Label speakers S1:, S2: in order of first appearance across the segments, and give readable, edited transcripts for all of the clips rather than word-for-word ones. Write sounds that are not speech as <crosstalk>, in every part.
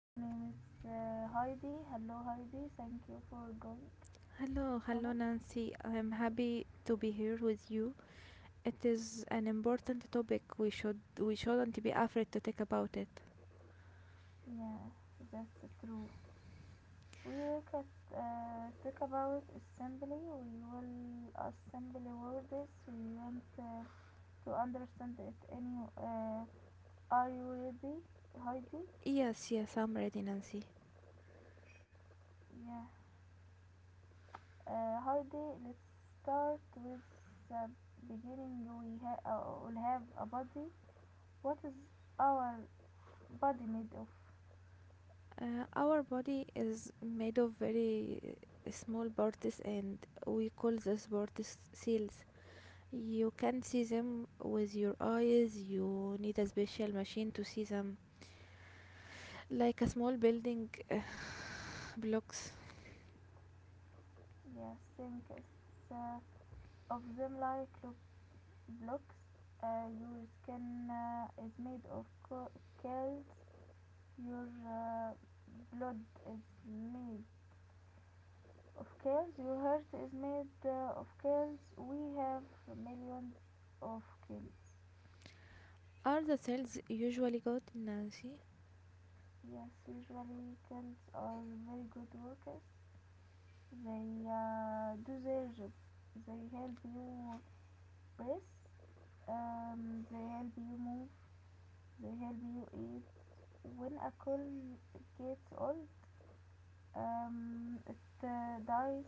S1: here. Her Name is Heidi. Hello, Heidi. Thank you for going
S2: Hello, hello
S1: comment?
S2: Nancy. I'm happy to be here with you. It is an important topic. We shouldn't be afraid to talk about it.
S1: Yes, that's true. We will cut, talk about assembly. We will assemble words. We want to understand it. Any? Are you ready, Heidi?
S2: Yes, yes, I'm ready, Nancy.
S1: Yeah. Heidi, let's start with the beginning. Will have a body. What is our body made of?
S2: Our body is made of very small parts and we call these parts cells. You can see them with your eyes. You need a special machine to see them. Like a small building <sighs> blocks.
S1: Yes, think uh, of them like look blocks. Your skin is made of cells. Your blood is made of cells. Your heart is made of cells. We have millions of cells.
S2: Are the cells usually good, Nancy?
S1: Yes, usually cells are very good workers. They do their job. They help you breathe. They help you move. They help you eat. When a cell gets old, it dies.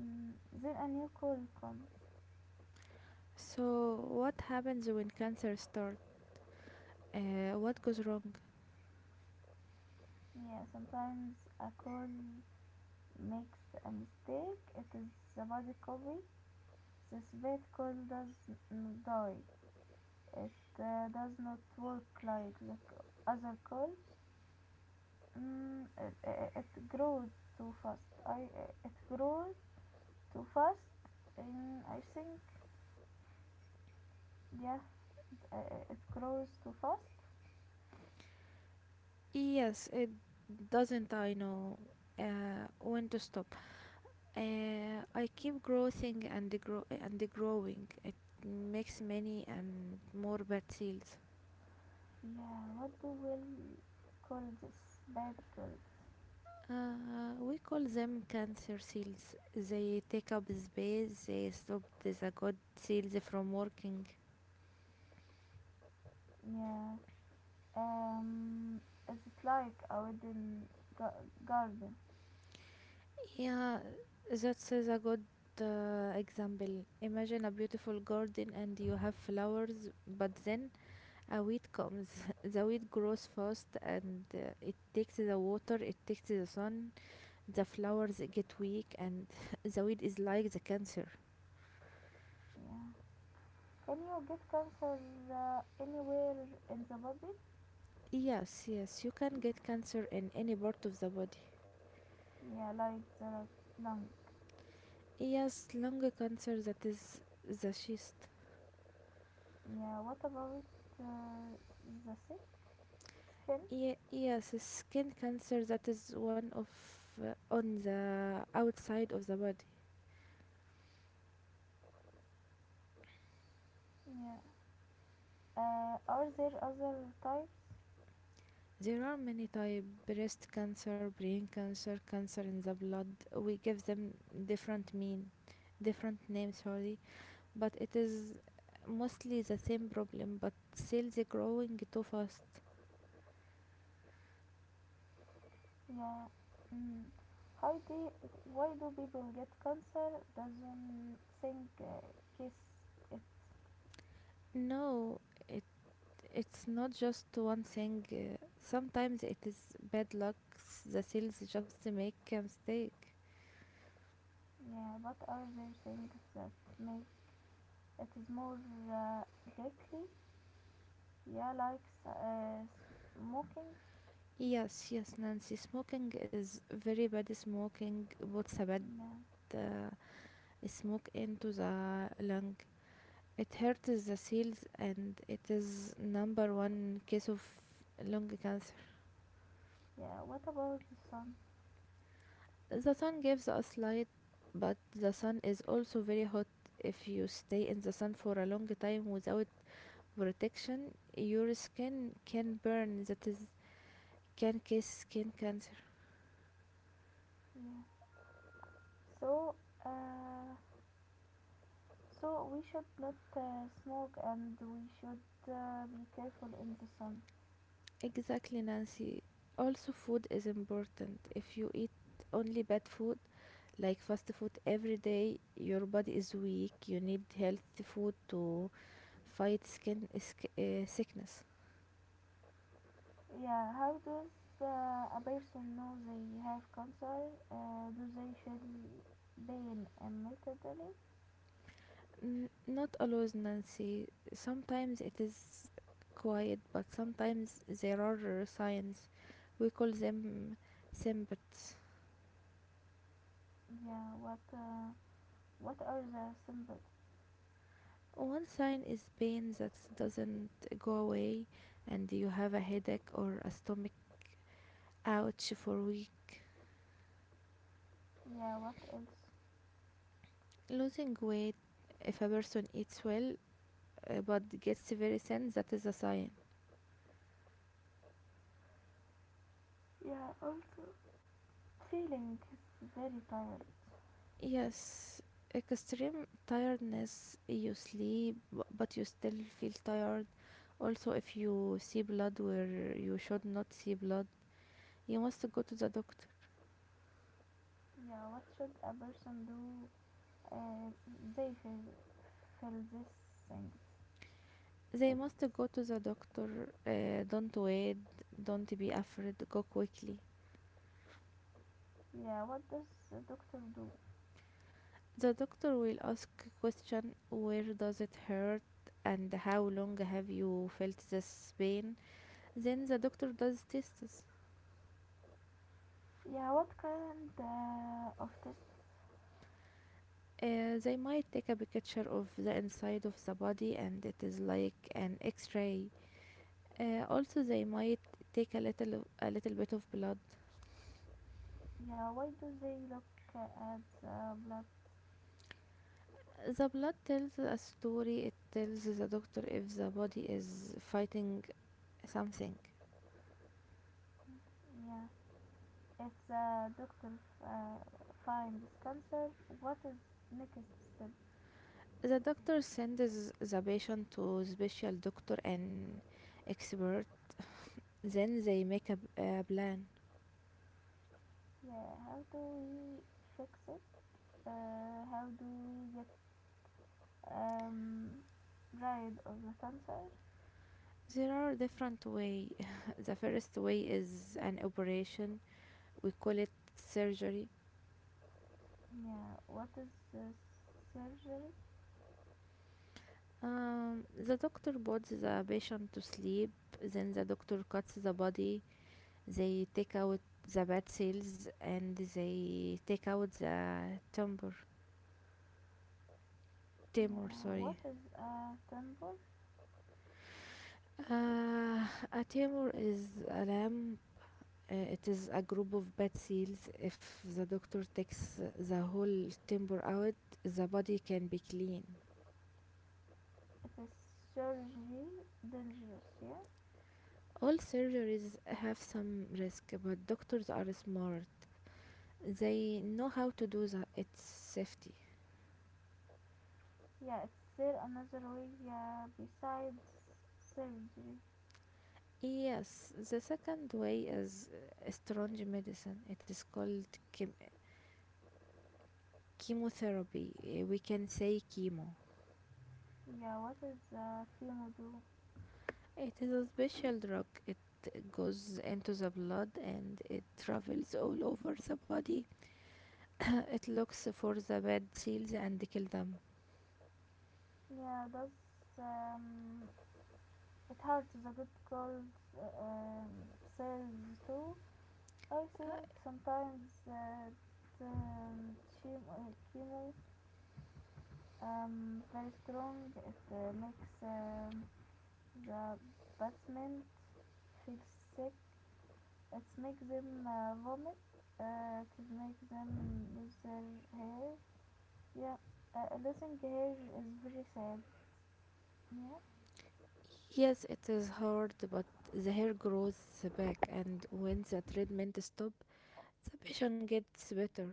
S1: Mm, then a new call comes.
S2: So, what happens when cancer starts? What goes wrong?
S1: Yeah, sometimes a call makes a mistake. It is a body copy. This bad call does not die. It does not work like the other calls. It grows too fast. I it grows too fast. And I think yeah, it grows too fast.
S2: Yes, it doesn't. I know when to stop. I keep growing and grow and growing. It makes many and more bad cells.
S1: Yeah, what we will call this? Baby girls.
S2: We call them cancer cells. They take up space. They stop the good cells from working.
S1: Yeah. Um, is it like a wooden garden?
S2: Yeah, that's is a good example. Imagine a beautiful garden and you have flowers, but then a weed comes. <laughs> The weed grows fast and it takes the water, it takes the sun, the flowers get weak, and <laughs> the weed is like the cancer.
S1: Yeah. Can you get cancer anywhere in the body?
S2: Yes, yes, you can get cancer in any part of the body.
S1: Yeah, like the lungs.
S2: Yes, lung cancer that is the cyst.
S1: Yeah. What about uh, the skin?
S2: Yes, skin cancer that is one of on the outside of the body.
S1: Yeah. Are there other types?
S2: There are many type breast cancer, brain cancer, cancer in the blood. We give them different mean, different names, sorry, but it is mostly the same problem, but cells are growing too fast.
S1: Yeah. Mm. Heidi, why do people get cancer? Doesn't think kiss it.
S2: No, it it's not just one thing. Sometimes it is bad luck. The cells just make a mistake.
S1: Yeah, but are there things that make it is more uh, deadly? Yeah, like smoking.
S2: Yes, yes, Nancy. Smoking is very bad. Smoking puts a bad
S1: Yeah.
S2: uh, smoke into the lung. It hurts the seals and it is number one case of lung cancer.
S1: Yeah. What about the sun?
S2: The sun gives us light, but the sun is also very hot. If you stay in the sun for a long time without protection, your skin can burn. That is can cause skin cancer.
S1: Yeah. So, uh, so we should not smoke and we should be careful in the sun.
S2: Exactly, Nancy. Also, food is important. If you eat only bad food, like fast food every day, your body is weak. You need healthy food to fight sickness.
S1: Yeah, how does a person know they have cancer? Do they feel pain immediately?
S2: Not always, Nancy. Sometimes it is quiet, but sometimes there are signs. We call them symptoms.
S1: Yeah, what are the symptoms?
S2: One sign is pain that doesn't go away, and you have a headache or a stomach out for a week.
S1: Yeah, what else?
S2: Losing weight, if a person eats well but gets very thin, that is a sign.
S1: Yeah, also feeling is very tired.
S2: Yes, extreme tiredness, you sleep but you still feel tired. Also, if you see blood where you should not see blood, you must go to the doctor.
S1: Yeah, what should a person do? Uh, they feel these things.
S2: They
S1: Things.
S2: must go to the doctor. Don't wait, don't be afraid, go quickly.
S1: Yeah, what does the doctor do?
S2: The doctor will ask a question, where does it hurt and how long have you felt this pain? Then the doctor does tests.
S1: Yeah, what kind of tests.
S2: They might take a picture of the inside of the body and it is like an x-ray. Also they might take a little bit of blood.
S1: Yeah, why do they look at the blood?
S2: The blood tells a story. It tells the doctor if the body is fighting something.
S1: Yeah, if the doctor uh, finds cancer, what is next step?
S2: The doctor sends the patient to special doctor and expert. Then they make a plan.
S1: Yeah, how do we fix it? How do we get um, rid of the cancer?
S2: There are different way. <laughs> The first way is an operation. We call it surgery.
S1: Yeah, what is the surgery?
S2: The doctor puts the patient to sleep. Then the doctor cuts the body. They take out the bad cells and they take out the tumor. Tumor,
S1: Yeah, what
S2: sorry.
S1: is a temple?
S2: Uh, a tumor is a lump. It is a group of bad cells. If the doctor takes the whole tumor out, the body can be clean.
S1: It is surgery dangerous, yeah?
S2: All surgeries have some risk, but doctors are smart. They know how to do its safety.
S1: Yeah, is there another way yeah, besides surgery?
S2: Yes, the second way is strange medicine. It is called chem- chemotherapy. We can say chemo.
S1: Yeah, what is the chemo do?
S2: It is a special drug. It goes into the blood and it travels all over the body <coughs> <clears throat> it looks for the bad seals and kill them.
S1: Yeah, does um, it hurts the good cold cells too? I
S2: Uh,
S1: think sometimes the chemo very strong. It makes the patient feel sick. It makes them vomit. It makes them lose their hair. Yeah, losing her is very sad. Yeah,
S2: yes, it is hard, but the hair grows back, and when the treatment stops, the patient gets better.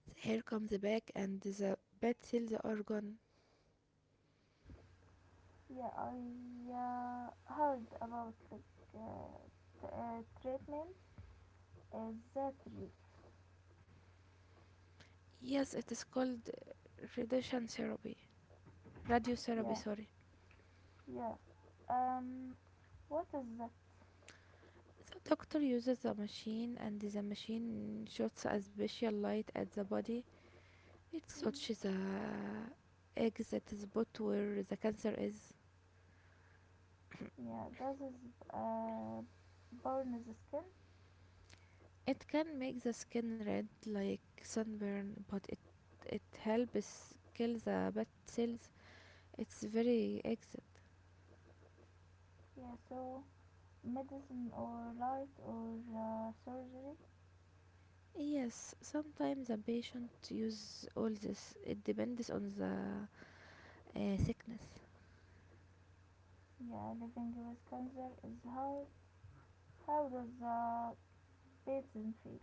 S2: The hair comes back, and the bad cells are gone.
S1: yeah, I heard about like uh, treatment. Is that real?
S2: Yes, it is called radiation therapy. Radiotherapy,
S1: Yeah,
S2: sorry.
S1: yeah. Um, what is that?
S2: The doctor uses the machine, and the machine shoots a special light at the body. It
S1: Mm,
S2: touches the egg that is put where the cancer is. <coughs> <clears throat>
S1: yeah, does is burn the skin?
S2: It can make the skin red like sunburn, but it helps kill the bad cells. It's very exit.
S1: Yeah, so medicine or light or surgery?
S2: Yes, sometimes a patient use all this. It depends on the thickness.
S1: Yeah, living with cancer is hard. How does the patient feel?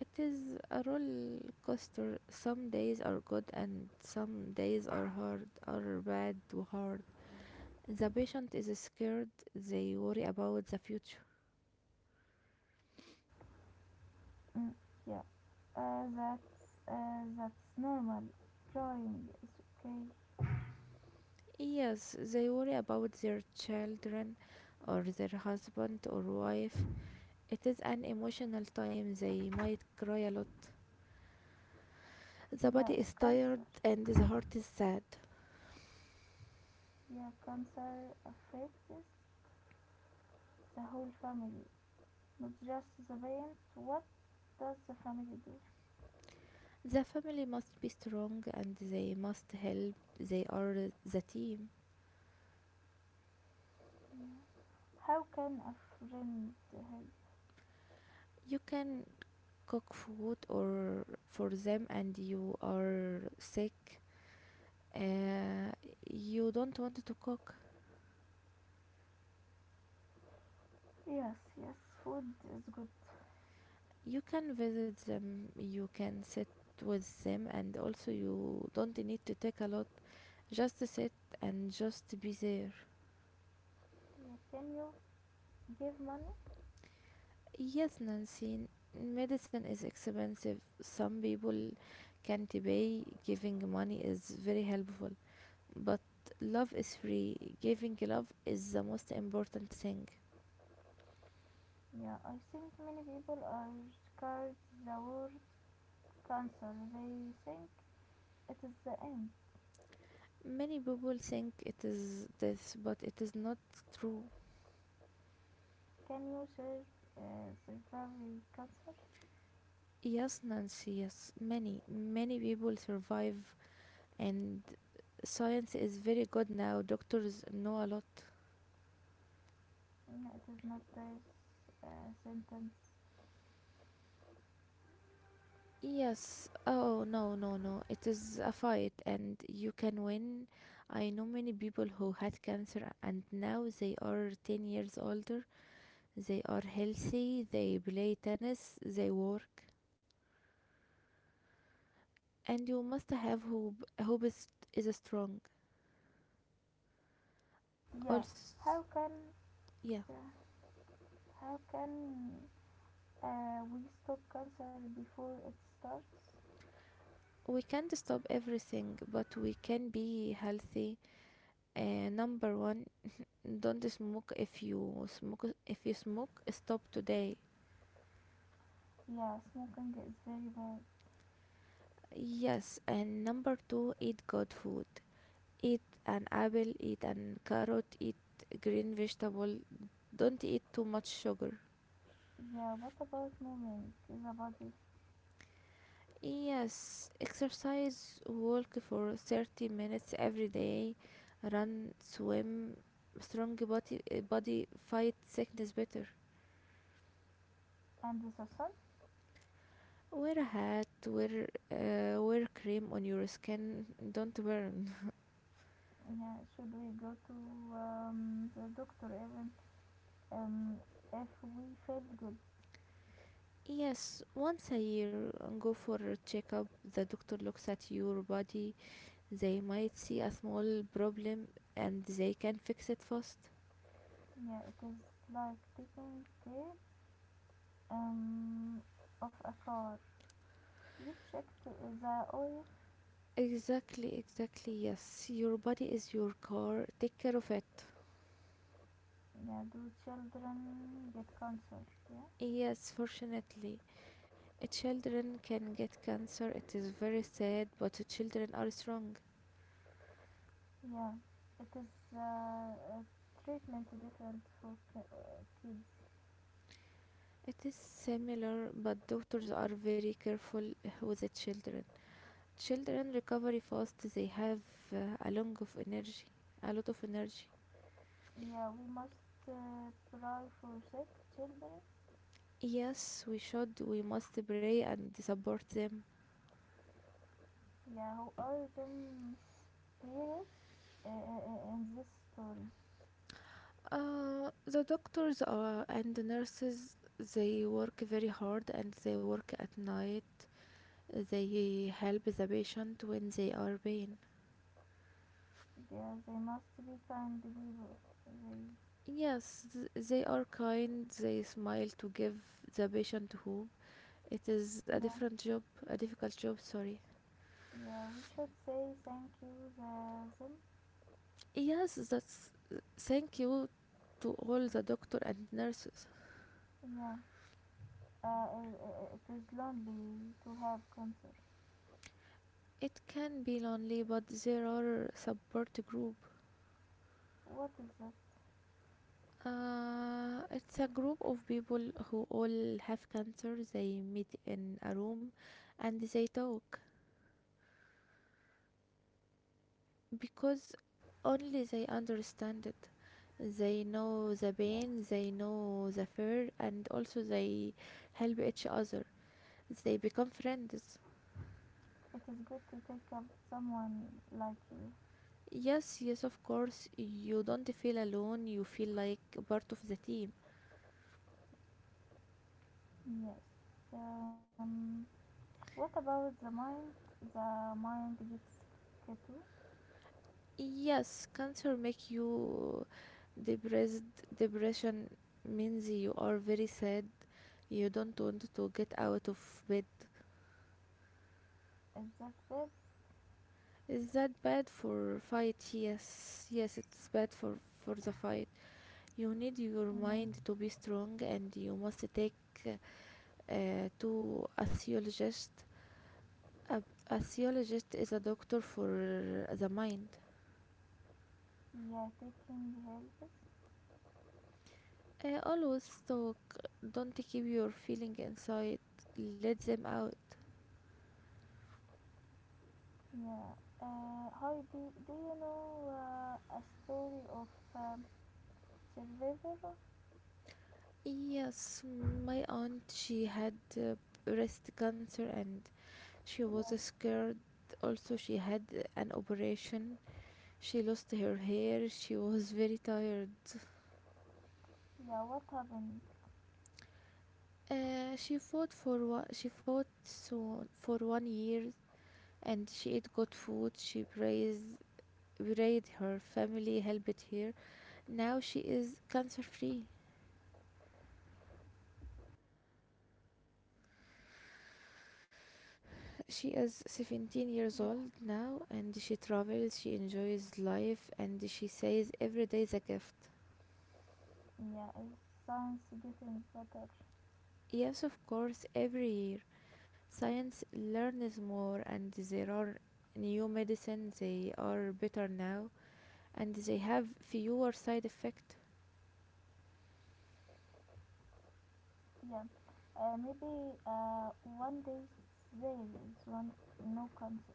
S2: It is a roller coaster. Some days are good and some days are hard or bad to hard. The patient is scared. They worry about the future.
S1: Mm, yeah. That's normal. Drawing is okay.
S2: Yes, they worry about their children or their husband or wife. It is an emotional time, they might cry a lot. The
S1: Yeah,
S2: body is tired
S1: cancer.
S2: and the heart is sad.
S1: Yeah, cancer affects the whole family, not just the parent. What does the family do?
S2: The family must be strong and they must help. They are the team.
S1: Yeah. How can a friend help?
S2: You can cook food or for them and you are sick. Uh, you don't want to cook.
S1: Yes, yes, food is good.
S2: You can visit them, you can sit with them, and also you don't need to take a lot, just sit and just be there.
S1: Yeah, can you give money?
S2: Yes, Nancy, medicine is expensive, some people can't pay. Giving money is very helpful, but love is free. Giving love is the most important thing.
S1: Yeah, I think many people are scared the word cancer. They think it is the end.
S2: Many people think it is death, but it is not true.
S1: Can you survive cancer?
S2: Yes, Nancy, yes, many many people survive, and science is very good now. Doctors know a lot.
S1: No, it is not this sentence.
S2: Yes. Oh, no, no, no. It is a fight and you can win. I know many people who had cancer and now they are 10 years older. They are healthy, they play tennis, they work. And you must have hope. Hope is strong.
S1: Yeah.
S2: Also,
S1: How can
S2: yeah.
S1: yeah, how can we stop cancer before it starts?
S2: We can't stop everything, but we can be healthy. Number one, don't smoke. If you smoke, stop today.
S1: Yeah, smoking is very bad.
S2: Yes, and number two, eat good food. Eat an apple, eat an carrot, eat green vegetable, don't eat too much sugar.
S1: Yeah, what about moving the body
S2: Yes, exercise, walk for 30 minutes every day, run, swim. Strong body, body fight sickness better.
S1: and the sun?
S2: Wear a hat, wear wear cream on your skin, don't burn.
S1: Yeah, should we go to the doctor even um, if we feel good?
S2: Yes, once a year and go for a checkup. The doctor looks at your body. They might see a small problem and they can fix it fast.
S1: Yeah, it is like taking care um, of a car. You check the oil.
S2: Exactly, exactly. Yes, your body is your car. Take care of it.
S1: Yeah, do children get cancer? Yeah,
S2: Yes, fortunately, children can get cancer. It is very sad, but children are strong.
S1: yeah. It is a treatment different for kids.
S2: It is similar, but doctors are very careful with the children. Children recovery fast. They have a long of energy, a lot of energy.
S1: Yeah, we must pray for sick children.
S2: Yes, we should. We must pray and support them.
S1: Yeah, who are the heroes uh, uh, in this story?
S2: The doctors are, and the nurses, they work very hard and they work at night. They help the patient when they are pain.
S1: Yeah, they must be kind people. They,
S2: Yes, they are kind. They smile to give the patient hope. It is a
S1: yeah,
S2: different job, a difficult job, sorry.
S1: yeah. We should say thank you the them.
S2: Yes, that's thank you to all the doctor and nurses.
S1: Yeah. Uh, i- it is lonely to have concert.
S2: It can be lonely, but there are support group.
S1: What is it?
S2: It's a group of people who all have cancer. They meet in a room and they talk because only they understand it. They know the pain, they know the fear, and also they help each other. They become friends.
S1: It is good to take up someone like you.
S2: Yes, yes, of course. You don't feel alone, you feel like part of the team.
S1: Yes. Um, what about the mind? The mind gets keto.
S2: Yes, cancer make you depressed. Depression means you are very sad. You don't want to get out of bed.
S1: Is that bad?
S2: Is that bad for fight? Yes, yes, it's bad for the fight. You need your mind
S1: Yeah.
S2: to be strong, and you must take to a theologist. A, a theologist is a doctor for the mind.
S1: Yeah, taking helps.
S2: Always talk. Don't keep your feeling inside. Let them out.
S1: Yeah. Heidi, do you know a story of um, survivor?
S2: Yes, my aunt, she had breast cancer and she was
S1: Yeah.
S2: scared. Also, she had an operation. She lost her hair. She was very tired.
S1: Yeah. What happened?
S2: She fought so for one year, and she ate good food. Prayed, her family helped her. Now she is cancer free. She is 17 years
S1: Yeah.
S2: old now and she travels, she enjoys life, and she says every day is a gift.
S1: Yeah. Is science getting better?
S2: Yes, of course, every year. Science learns more and there are new medicines, they are better now and they have fewer side effects.
S1: Yeah. Maybe one day there is one no cancer.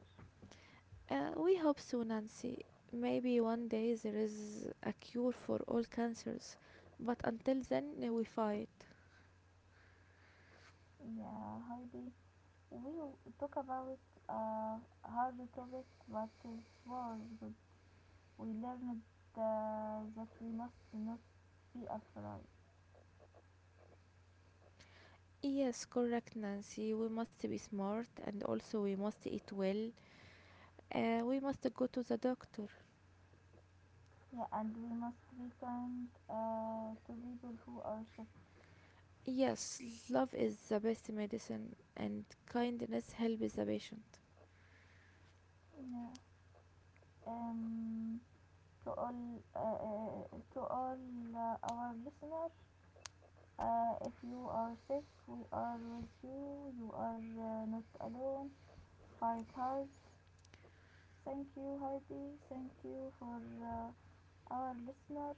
S2: We hope so, Nancy. Maybe one day there is a cure for all cancers, but until then, we fight.
S1: Yeah, Heidi. We talk about hard topic, but it was good. We learned that we must not be afraid.
S2: Yes, correct, Nancy. We must be smart and also we must eat well. We must go to the doctor.
S1: Yeah, and we must be kind to people who are sick.
S2: Yes, love is the best medicine and kindness helps the patient.
S1: Yeah. Um, to all our listeners. If you are sick, we are with you. You are not alone. Fight hard. Thank you, Heidi. Thank you for our listener.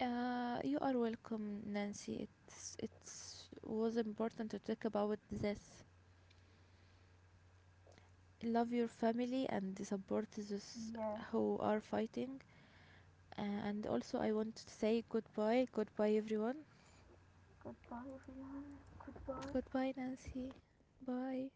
S2: You are welcome, Nancy. It was important to talk about this. Love your family and support those
S1: Yeah.
S2: who are fighting. And also, I want to say goodbye. Goodbye, everyone.
S1: Goodbye, everyone. Goodbye.
S2: Goodbye, Nancy. Bye.